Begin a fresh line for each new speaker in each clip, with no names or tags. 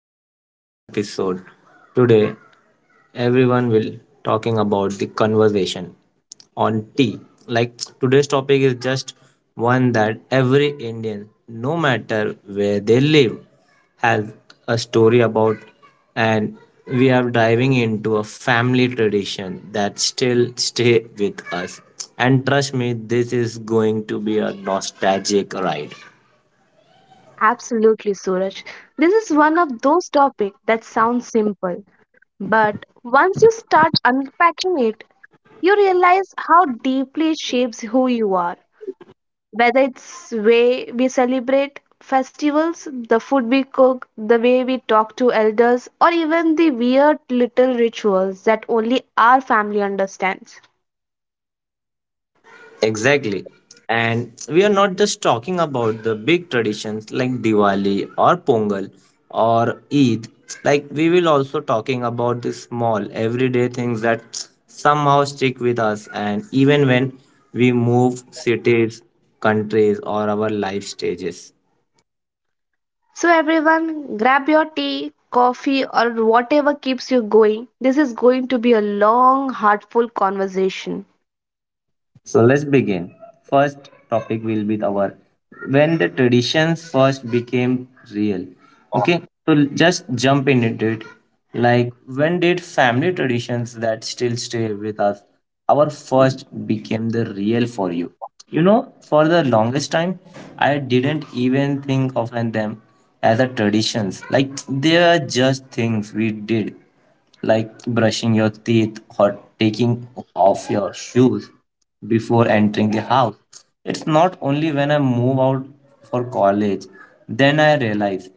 a brand new episode. Today, everyone will talking about the conversation on tea. Like today's topic is just one that every Indian, no matter where they live, has a story about, and we are diving into a family tradition that still stay with us. And trust me, this is going to be a nostalgic ride.
Absolutely, Suraj. This is one of those topics that sounds simple, but once you start unpacking it, you realize how deeply it shapes who you are. Whether it's way we celebrate festivals, the food we cook, the way we talk to elders, or even the weird little rituals that only our family understands.
Exactly. And we are not just talking about the big traditions like Diwali or Pongal or Eid. Like we will also talking about the small everyday things that somehow stick with us and even when we move cities, countries or our life stages.
So, everyone, grab your tea, coffee, or whatever keeps you going. This is going to be a long, heartful conversation.
So let's begin. First topic will be our when the traditions first became real. Okay, so just jump into it. Like when did family traditions that still stay with us, our first became the real for you? You know, for the longest time, I didn't even think of them as a traditions. Like they are just things we did like brushing your teeth or taking off your shoes before entering the house. It's not only when I move out for college, then I realize,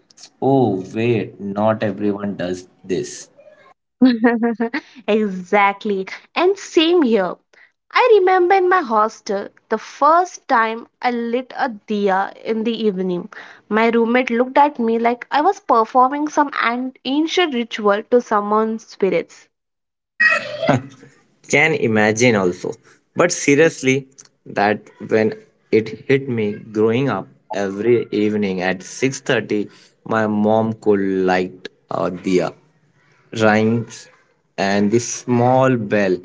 oh, wait, not everyone does this.
Exactly. And same here. I remember in my hostel the first time I lit a diya in the evening. My roommate looked at me like I was performing some ancient ritual to summon spirits.
Can imagine also. But seriously, that when it hit me growing up every evening at 6:30, my mom could light a diya rhymes and the small bell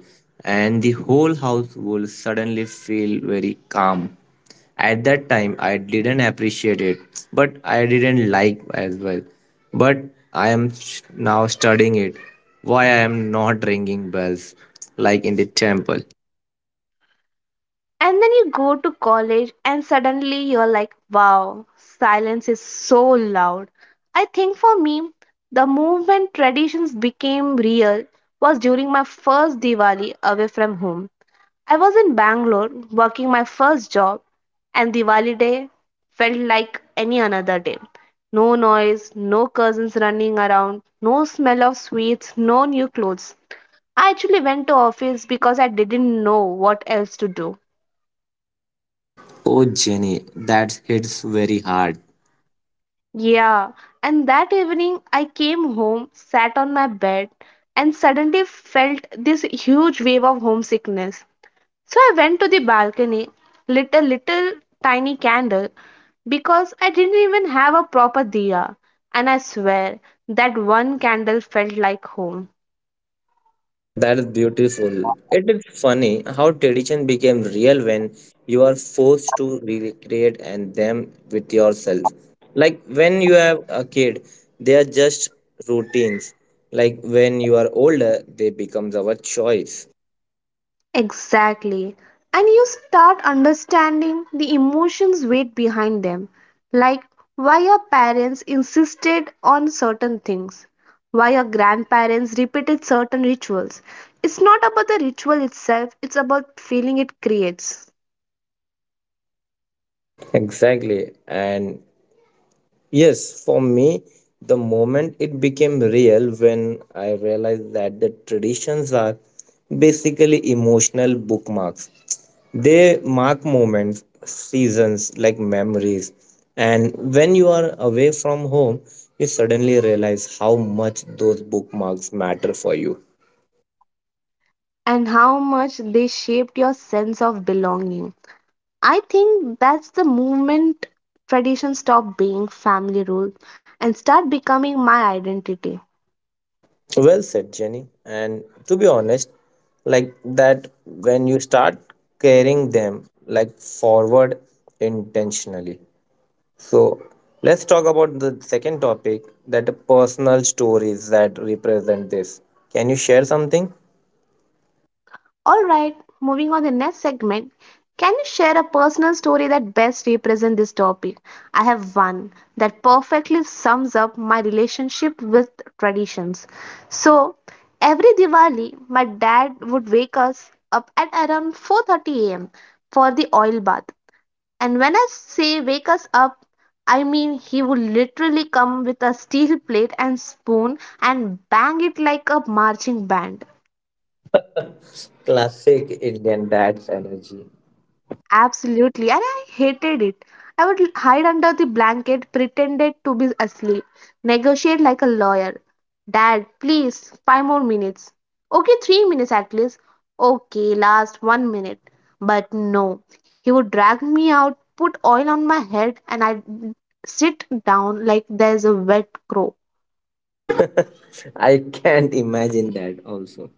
and the whole house would suddenly feel very calm. At that time I didn't appreciate it, but I didn't like as well. But now studying it, why I am not ringing bells like in the temple.
And then you go to college and suddenly you're like, wow, silence is so loud. I think for me, the movement traditions became real was during my first Diwali away from home. I was in Bangalore working my first job, and Diwali day felt like any another day. No noise, no cousins running around, no smell of sweets, no new clothes. I actually went to office because I didn't know what else to do.
Oh Jenny, that hits very hard.
Yeah, and that evening I came home, sat on my bed, and suddenly felt this huge wave of homesickness. So I went to the balcony, lit a little tiny candle because I didn't even have a proper diya, and I swear that one candle felt like home.
That is beautiful. It is funny how tradition became real when you are forced to recreate and them with yourself. Like when you have a kid, they are just routines. Like when you are older, they becomes our choice.
Exactly. And you start understanding the emotions weight behind them, like why your parents insisted on certain things, why your grandparents repeated certain rituals. It's not about the ritual itself, it's about feeling it creates
Exactly. And yes, for me, the moment it became real when I realized that the traditions are basically emotional bookmarks. They mark moments, seasons, like memories. And when you are away from home, you suddenly realize how much those bookmarks matter for you.
and how much they shaped your sense of belonging. I think that's the moment tradition stop being family rule and start becoming my identity.
Well said, Jenny. And to be honest, like that, when you start carrying them like forward intentionally. So let's talk about the second topic that personal stories that represent this. Can you share something?
All right, moving on the next segment. Can you share a personal story that best represents this topic? I have one that perfectly sums up my relationship with traditions. So, every Diwali, my dad would wake us up at around 4:30 a.m. for the oil bath. And when I say wake us up, I mean he would literally come with a steel plate and spoon and bang it like a marching band.
Classic Indian dad's energy.
Absolutely, and I hated it. I would hide under the blanket, pretended to be asleep, negotiate like a lawyer. Dad, please, five more minutes. Okay, 3 minutes at least. Okay, last one minute. But no, he would drag me out, put oil on my head, and I'd sit down like there's a wet crow.
I can't imagine that also.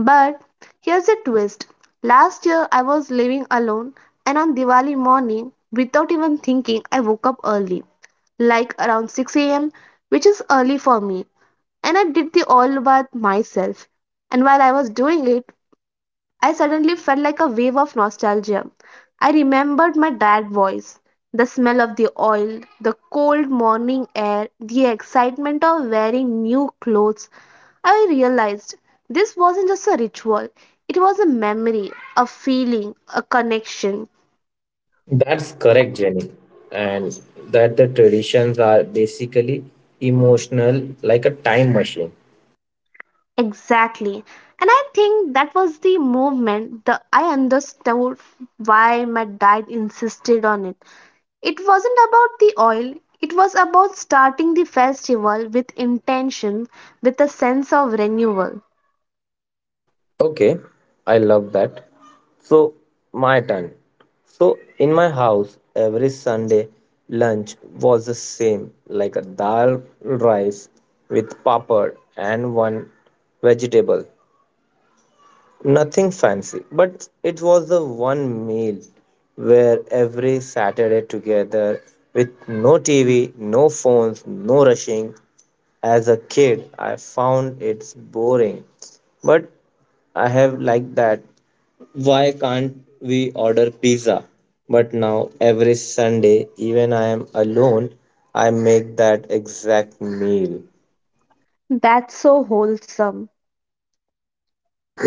But here's a twist. Last year I was living alone, and on Diwali morning, without even thinking, I woke up early, like around 6 a.m., which is early for me. And I did the all bath myself. And while I was doing it, I suddenly felt like a wave of nostalgia. I remembered my dad's voice, the smell of the oil, the cold morning air, the excitement of wearing new clothes. I realized this wasn't just a ritual, it was a memory, a feeling, a connection.
That's correct, Jenny. And that the traditions are basically emotional, like a time machine.
Exactly. And I think that was the moment that I understood why my dad insisted on it. It wasn't about the oil, it was about starting the festival with intention, with a sense of renewal.
Okay, I love that. So, my turn. So, in my house, every Sunday lunch was the same like a dal rice with papad and one vegetable. Nothing fancy, but it was the one meal where every Saturday together with no TV, no phones, no rushing. As a kid, I found it's boring, but I have liked that. Why can't we order pizza? But now every Sunday, even I am alone, I make that exact meal.
That's so wholesome.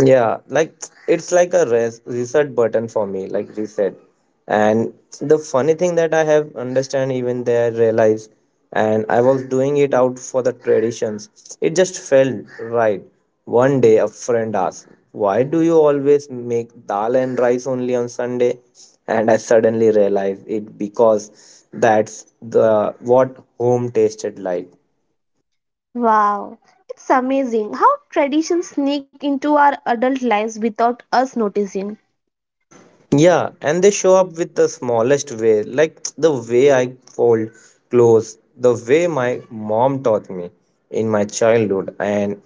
Yeah, like it's like a reset button for me, like reset. And the funny thing that I have understand even there realize, and I was doing it out for the traditions. It just felt right. One day a friend asked, "Why do you always make dal and rice only on Sunday?" And I suddenly realized it because that's the what home tasted like.
Wow, it's amazing how traditions sneak into our adult lives without us noticing.
Yeah, and they show up with the smallest way, like the way I fold clothes, the way my mom taught me in my childhood, and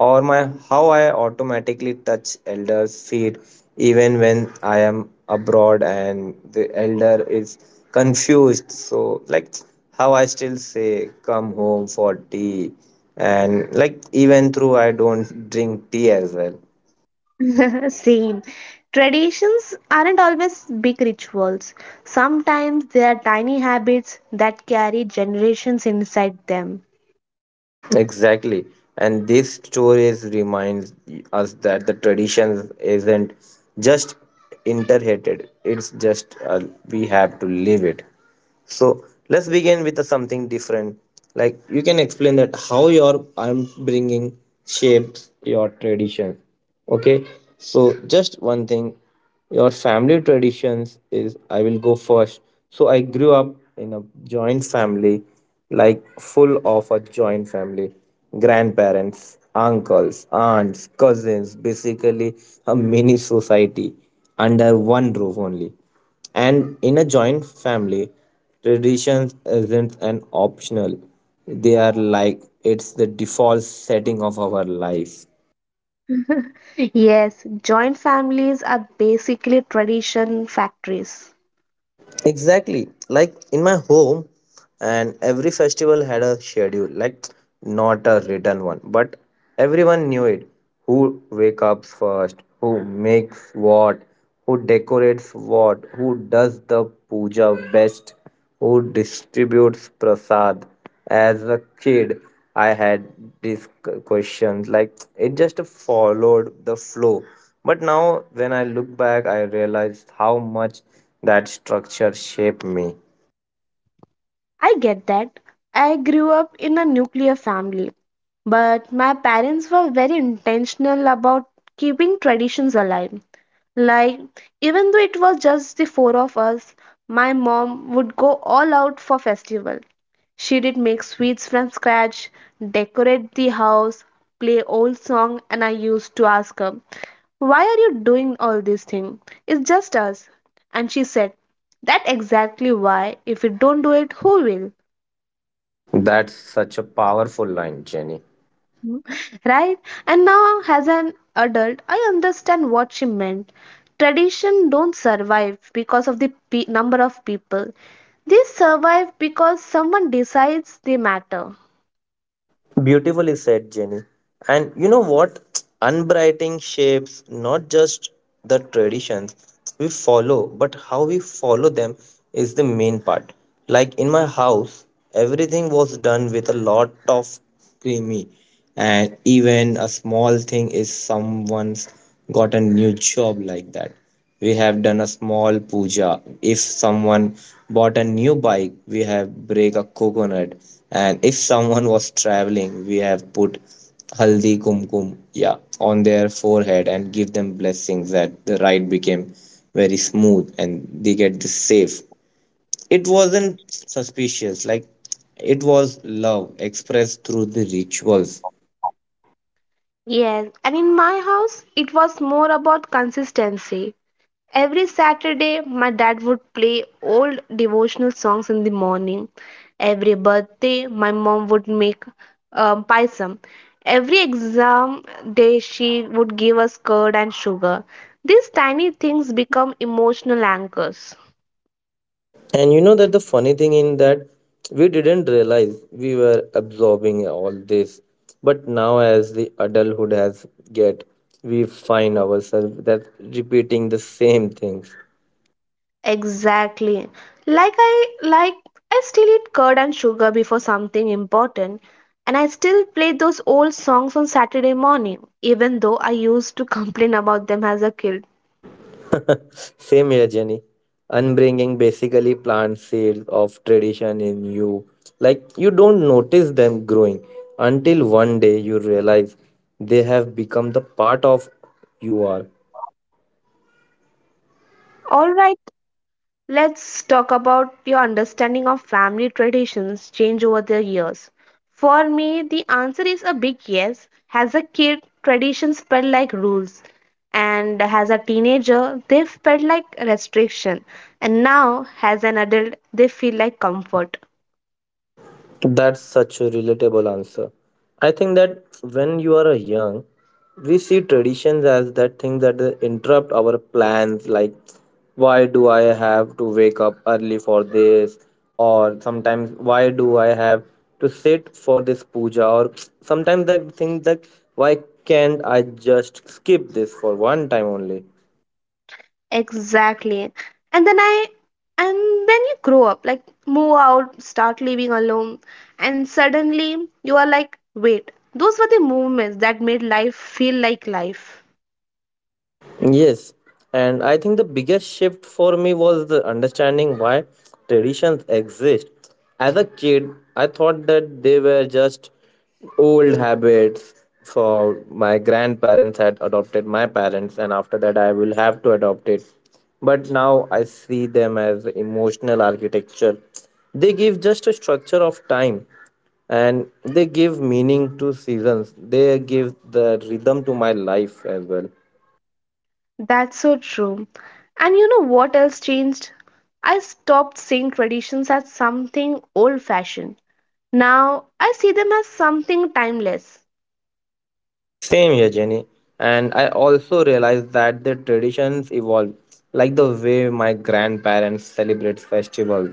or my how I automatically touch elders' feet even when I am abroad and the elder is confused. So like how I still say come home for tea and like even through I don't drink tea as well.
Same. Traditions aren't always big rituals. Sometimes they are tiny habits that carry generations inside them.
Exactly. And these stories reminds us that the tradition isn't just inherited; it's just we have to live it. So let's begin with the something different. Like you can explain that how your I'm bringing shapes your tradition. Okay. So just one thing, your family traditions is I will go first. So I grew up in a joint family, like full of a joint family, grandparents, uncles, aunts, cousins, basically a mini society under one roof only. And in a joint family, traditions isn't an optional, they are like it's the default setting of our life.
Yes, joint families are basically tradition factories.
Exactly. Like in my home, and every festival had a schedule, like not a written one, but everyone knew it. Who wake up first, who makes what, who decorates what, who does the puja best, who distributes prasad. As a kid, I had these questions, like it just followed the flow. But now when I look back, I realized how much that structure shaped me.
I get that. I grew up in a nuclear family, but my parents were very intentional about keeping traditions alive. Like, even though it was just the four of us, my mom would go all out for festival. She did make sweets from scratch, decorate the house, play old song, and I used to ask her, "Why are you doing all these things? It's just us." And she said, "That's exactly why. If you don't do it, who will?"
That's such a powerful line, Jenny.
Mhm. Right? And now, as an adult, I understand what she meant. Tradition don't survive because of the number of people. They survive because someone decides they matter.
Beautifully said, Jenny. And you know what? Unbrighting shapes not just the traditions we follow, but how we follow them is the main part. Like in my house, everything was done with a lot of creamy, and even a small thing is someone's got a new job, like that we have done a small puja. If someone bought a new bike, we have break a coconut. And if someone was traveling, we have put haldi kumkum, yeah, on their forehead and give them blessings that the ride became very smooth and they get this safe. It wasn't suspicious, like it was love expressed through the rituals.
Yes, and in my house, it was more about consistency. Every Saturday, my dad would play old devotional songs in the morning. Every birthday, my mom would make paisam. Every exam day, she would give us curd and sugar. These tiny things become emotional anchors.
And you know that the funny thing in that, we didn't realize we were absorbing all this. But now as the adulthood has get, we find ourselves that repeating the same things.
Exactly. Like I still eat curd and sugar before something important and I still play those old songs on Saturday morning even though I used to complain about them as a kid.
Same here, Jenny. Unbringing basically plant seeds of tradition in you. Like you don't notice them growing until one day you realize they have become the part of you are.
All right, let's talk about your understanding of family traditions change over the years. For me, the answer is a big yes. As a kid, traditions felt like rules, and as a teenager, they felt like restriction, and now as an adult, they feel like comfort.
That's such a relatable answer. I think that when you are young, we see traditions as that thing that interrupt our plans, like why do I have to wake up early for this, or sometimes why do I have to sit for this puja, or sometimes I think that why can't I just skip this for one time only.
Exactly. And then I and then you grow up, like move out, start living alone, and suddenly you are like, wait, those were the moments that made life feel like life.
Yes, and I think the biggest shift for me was the understanding why traditions exist. As a kid, I thought that they were just old habits for my grandparents had adopted my parents and after that I will have to adopt it. But now I see them as emotional architecture. They give just a structure of time and they give meaning to seasons. They give the rhythm to my life as well.
That's so true. And you know what else changed? I stopped seeing traditions as something old fashioned. Now I see them as something timeless.
Same here, Jenny. And I also realized that the traditions evolve, like the way my grandparents celebrate festivals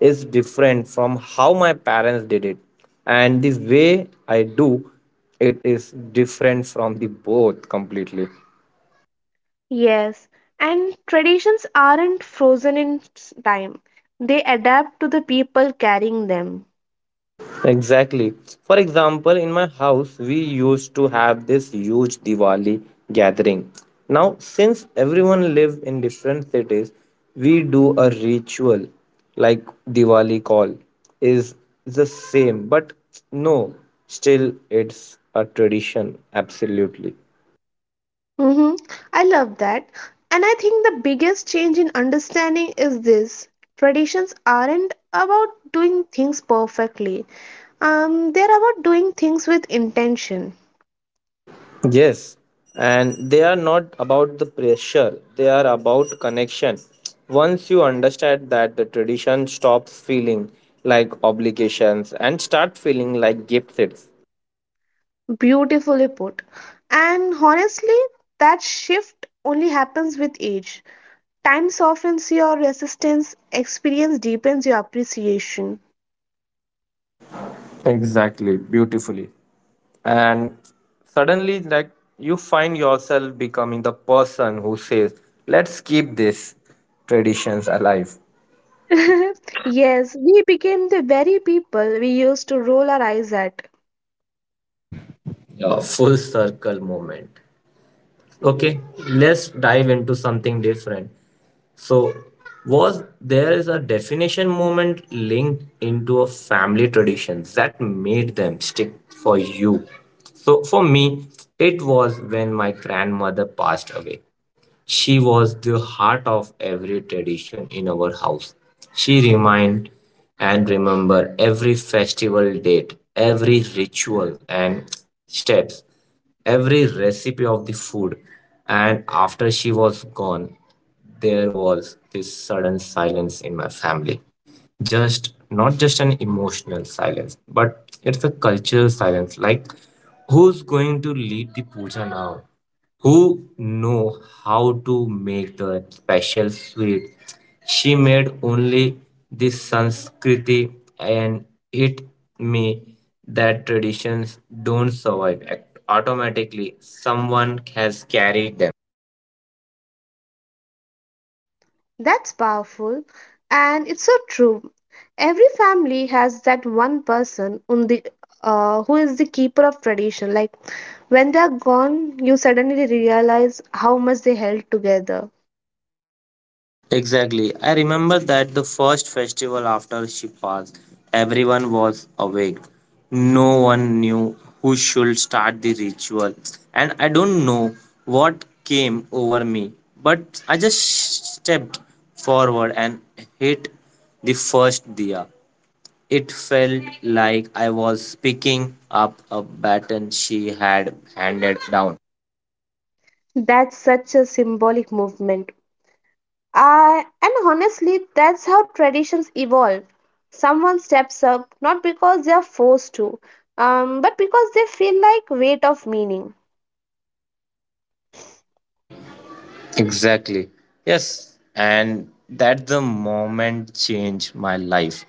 is different from how my parents did it. And the way I do it is different from the both completely.
Yes, and traditions aren't frozen in time, they adapt to the people carrying them.
Exactly. For example, in my house, we used to have this huge Diwali gathering. Now, since everyone live in different cities, we do a ritual like Diwali call is the same, but no, still it's a tradition. Absolutely.
Mm-hmm. I love that. And I think the biggest change in understanding is this. Traditions aren't about doing things perfectly. They're about doing things with intention.
Yes, and they are not about the pressure, they are about connection. Once you understand that the tradition stops feeling like obligations and start feeling like gifts.
Beautifully put. And honestly, that shift only happens with age. Time softens your resistance, experience deepens your appreciation.
Exactly, beautifully. And suddenly like you find yourself becoming the person who says let's keep these traditions alive.
Yes, we became the very people we used to roll our eyes at.
Yeah, full circle moment. Okay, let's dive into something different. So was there is a definition moment linked into a family traditions that made them stick for you? So for me, it was when my grandmother passed away. She was the heart of every tradition in our house. She remind and remember every festival date, every ritual and steps, every recipe of the food. And after she was gone, there was this sudden silence in my family, just not just an emotional silence but it's a cultural silence, like who's going to lead the puja now, who know how to make the special sweet she made only, this sanskriti. And hit me that traditions don't survive automatically, someone has carried.
That's powerful, and it's so true. Every family has that one person on the who is the keeper of tradition. Like when they are gone, you suddenly realize how much they held together.
Exactly. I remember that the first festival after she passed, everyone was awake. No one knew who should start the ritual. And I don't know what came over me, but I just stepped forward and hit the first diya. It felt like I was picking up a baton she had handed down.
That's such a symbolic movement. I and honestly, that's how traditions evolve. Someone steps up not because they are forced to, but because they feel like weight of meaning.
Exactly. Yes. And that the moment changed my life.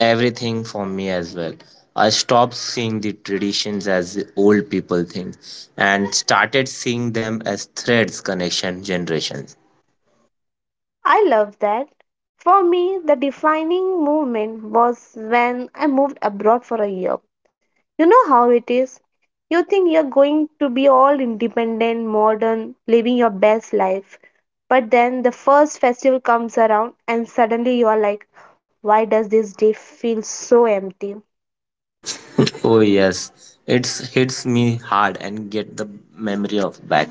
Everything for me as well. I stopped seeing the traditions as the old people thing and started seeing them as threads, connection, generations.
I love that. For me, the defining moment was when I moved abroad for a year. You know how it is? You think you're going to be all independent, modern, living your best life. But then the first festival comes around, and suddenly you are like, why does this day feel so empty?
Oh yes. It hits me hard and get the memory of back.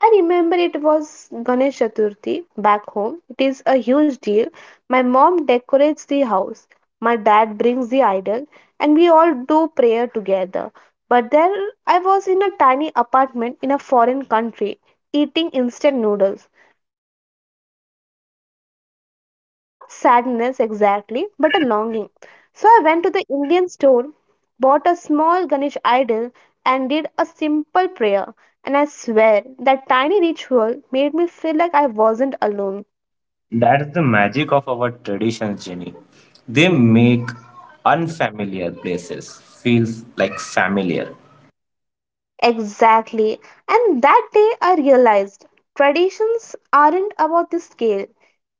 I remember it was Ganesh Chaturthi back home. It is a huge deal. My mom decorates the house, my dad brings the idol, and we all do prayer together. But there I was in a tiny apartment in a foreign country eating instant noodles. And I felt this ache, not sadness exactly, but a longing. So I went to the Indian store, bought a small Ganesh idol, and did a simple prayer. And I swear that tiny ritual made me feel like I wasn't alone.
That's the magic of our traditions, Jenny. They make unfamiliar places feel like familiar.
Exactly. And that day I realized traditions aren't about the scale,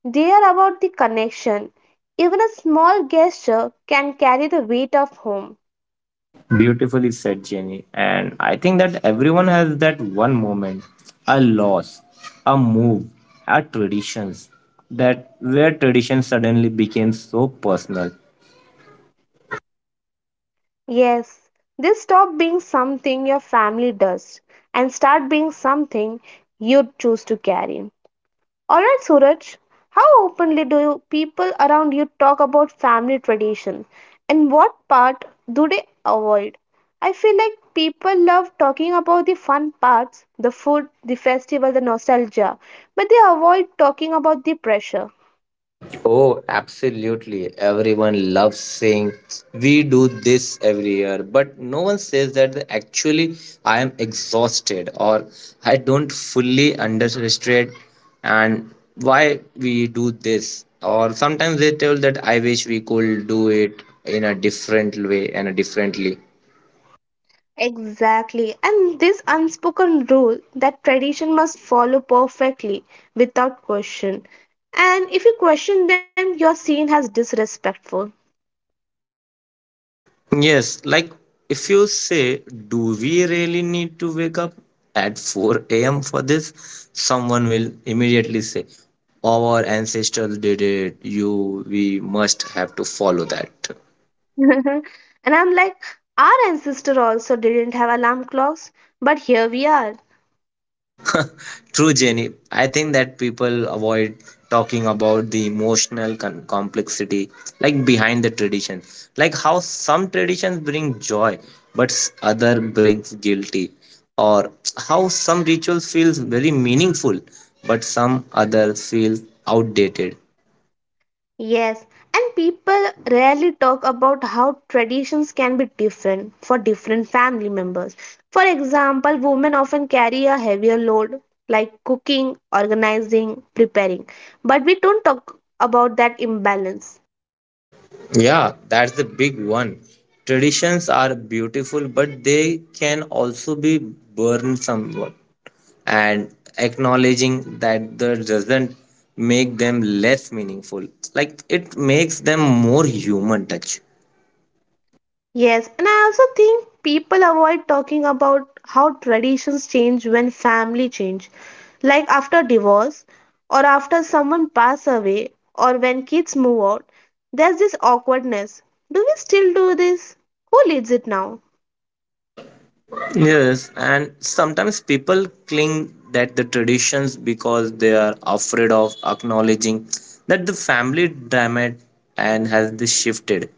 they are about the connection. Even a small gesture can carry the weight of home.
Beautifully said, Jenny. And I think that everyone has that one moment, a loss, a move, a traditions, that where tradition suddenly became so personal.
Yes, this stop being something your family does and start being something you choose to carry. Alright, Suraj, how openly do you, people around you talk about family tradition and what part do they avoid? I feel like people love talking about the fun parts, the food, the festival, the nostalgia, but they avoid talking about the pressure.
Oh, absolutely. Everyone loves saying we do this every year, but no one says that actually I am exhausted, or I don't fully understand and why we do this. Or sometimes they tell that I wish we could do it in a different way and a differently.
Exactly, and this unspoken rule that tradition must follow perfectly without question. And if you question them, you're seen as disrespectful.
Yes, like if you say, do we really need to wake up at 4 a.m. for this? Someone will immediately say, our ancestors did it. You, we must have to follow that.
And I'm like, our ancestor also didn't have alarm clocks, but here we are.
True, Jenny. I think that people avoid talking about the emotional complexity, like behind the tradition, like how some traditions bring joy, but other brings guilty, or how some rituals feels very meaningful, but some other feels outdated.
Yes, and people rarely talk about how traditions can be different for different family members. For example, women often carry a heavier load like cooking, organizing, preparing, but we don't talk about that imbalance.
Yeah, that's the big one. Traditions are beautiful, but they can also be burned somewhat. And acknowledging that doesn't make them less meaningful, like it makes them more human touch.
Yes, and I also think people avoid talking about how traditions change when family change, like after divorce or after someone pass away or when kids move out. There's this awkwardness. Do we still do this? Who leads it now?
Yes, and sometimes people cling that the traditions because they are afraid of acknowledging that the family dynamic and has this shifted.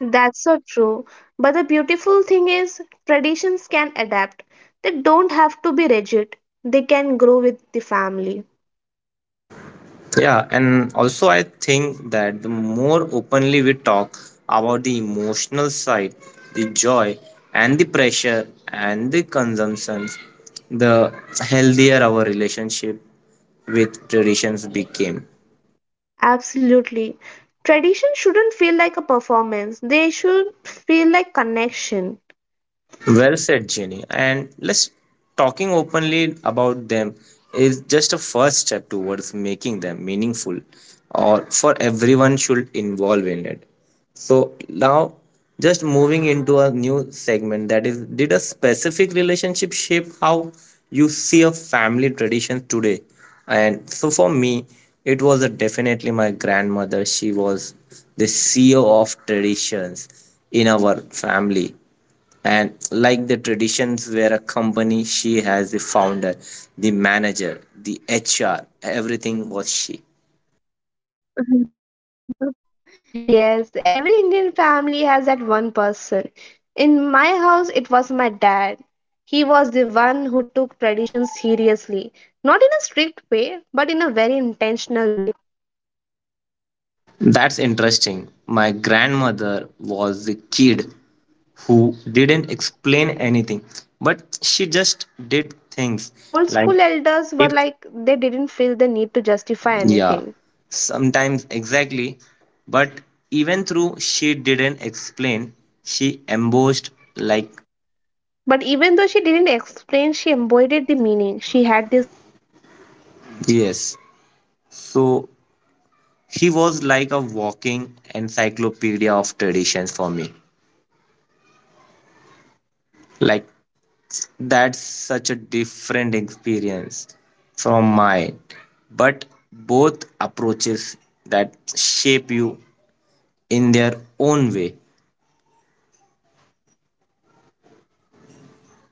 That's so true. But the beautiful thing is traditions can adapt. They don't have to be rigid. They can grow with the family.
Yeah, and also I think that the more openly we talk about the emotional side, the joy and the pressure and the consumptions, the healthier our relationship with traditions became.
Absolutely. Tradition shouldn't feel like a performance, they should feel like connection.
Well said, Jenny. And let's talking openly about them is just a first step towards making them meaningful or for everyone should involve in it. So now just moving into a new segment, that is, did a specific relationship shape how you see a family tradition today? And so for me, it was a definitely my grandmother. She was the CEO of traditions in our family, and like the traditions where a company, she has the founder, the manager, the hr, everything was she.
Yes, every Indian family has that one person. In my house, it was my dad. He was the one who took tradition seriously, not in a strict way, but in a very intentional way.
That's interesting, my grandmother was the kid who didn't explain anything, but she just did things, like
Old school
if,
elders were like they didn't feel the need to
yeah,
justify anything.
sometimes exactly, but even through she didn't explain, she embossed, like,
But even though she didn't explain, she embodied the meaning. She had this calmness
yes,
during ritual, this
so,
sense of presence,
he
and I
was
think
like a
that's what
walking
stayed with me.
encyclopedia of
Not the
traditions for
ritual
me.
itself, but the energy she brought to it.
Like, that's such a different experience from mine. But
That's
both
beautiful.
approaches that shape you in their
My
own way.
dad, on the other hand, was the opposite. He explained everything. With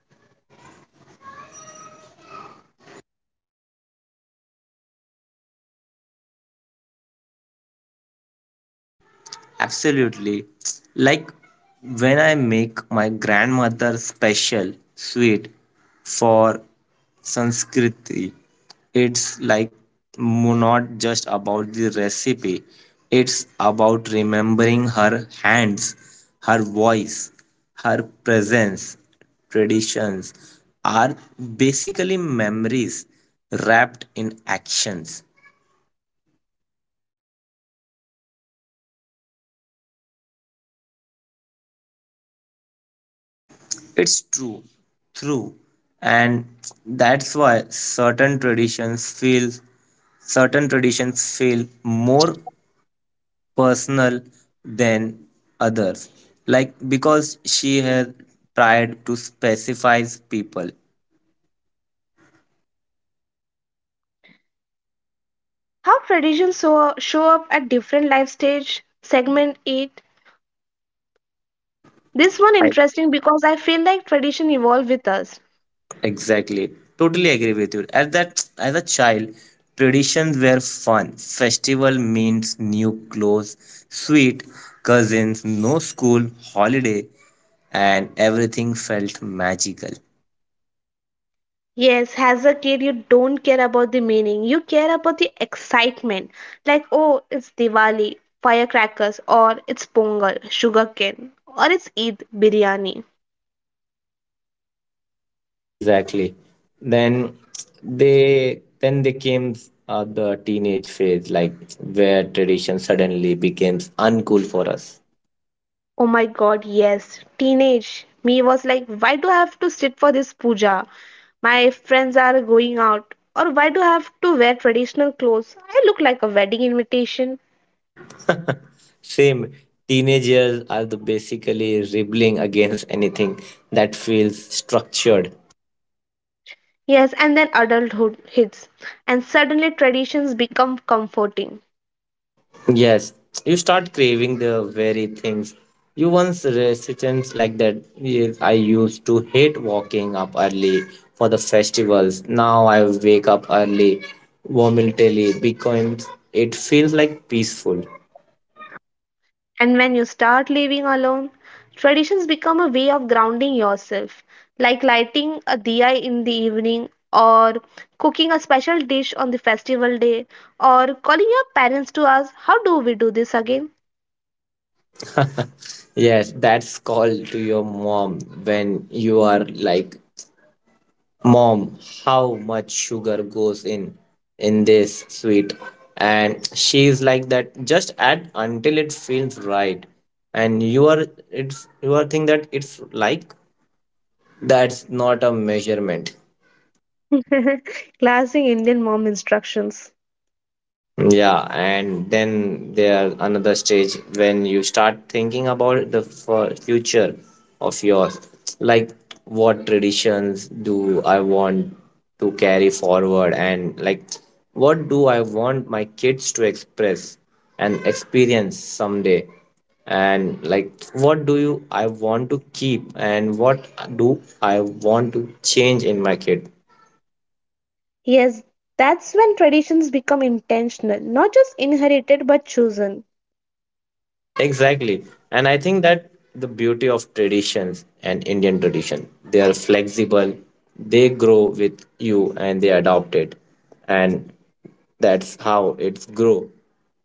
if we lit a diya, he did tell us the symbolism. If we did a puja, he did explain the story behind it. If we made a certain dish for a festival,
Absolutely.
he did tell us
Like
why that
when I
dish
make
mattered.
my
Right,
grandmother
Suraj?
special sweet for Sanskriti, it's like not just about the recipe, it's about remembering her hands, her voice, her presence. Traditions are basically memories wrapped in actions. It's true, true, and that's why certain traditions feel more personal than others. Like because she has tried to specify people.
How traditions so, show up at different life stage, segment 8. This one interesting because I feel like tradition evolve with us.
Exactly. Totally agree with you. As that as a child, traditions were fun. Festival means new clothes, sweet cousins, no school, holiday, and everything felt magical.
Yes, as a kid, you don't care about the meaning. You care about the excitement. Like, oh, it's Diwali, firecrackers, or it's Pongal, sugarcane, or it's Eid, biryani.
Exactly. Then then they came the teenage phase, like where tradition suddenly becomes uncool for us.
Oh my god, yes. Teenage me was like, why do I have to sit for this puja? My friends are going out. Or why do I have to wear traditional clothes? I look like a wedding invitation.
Same. Teenagers are the basically rebelling against anything that feels structured.
Yes, and then adulthood hits, and suddenly traditions become comforting.
Yes, you start craving the very things you once resistance like that. Yes, I used to hate walking up early for the festivals. Now I wake up early, voluntarily, because it feels like peaceful.
And when you start living alone, traditions become a way of grounding yourself, like lighting a diya in the evening, or cooking a special dish on the festival day, or calling your parents to ask, How do we do this again?
Yes, that's called to your mom when you are like, mom, how much sugar goes in this sweet, and she's like, that just add until it feels right, and you are, it's you are think that it's like, that's not a measurement.
Classic Indian mom instructions.
Yeah, and then there another stage when you start thinking about the future of yours, like what traditions do I want to carry forward, and like what do I want my kids to express and experience someday, and like what do you I want to keep and what do I want to change in my kid.
Yes, that's when traditions become intentional, not just inherited but chosen.
Exactly. And I think that the beauty of traditions and Indian tradition, they are flexible, they grow with you and they adopt it. And that's how it's grow.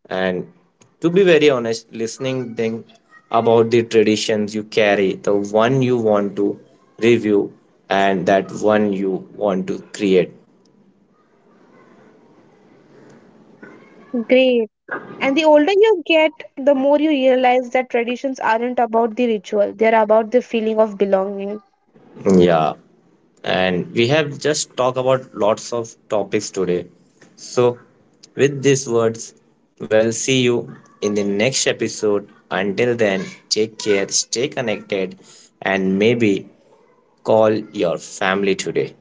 And to be very honest, listening thing about the traditions you carry, the one you want to review and that one you want to create.
Great. And the older you get, the more you realize that traditions aren't about the ritual, they're about the feeling of belonging.
Yeah, and we have just talked about lots of topics today. So, with these words, we'll see you in the next episode. Until then, take care, stay connected, and maybe call your family today.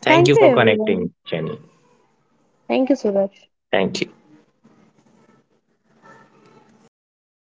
Thank
Thank
you
you,
for
everyone.
connecting, Jenny.
Thank you, Suraj.
Thank you.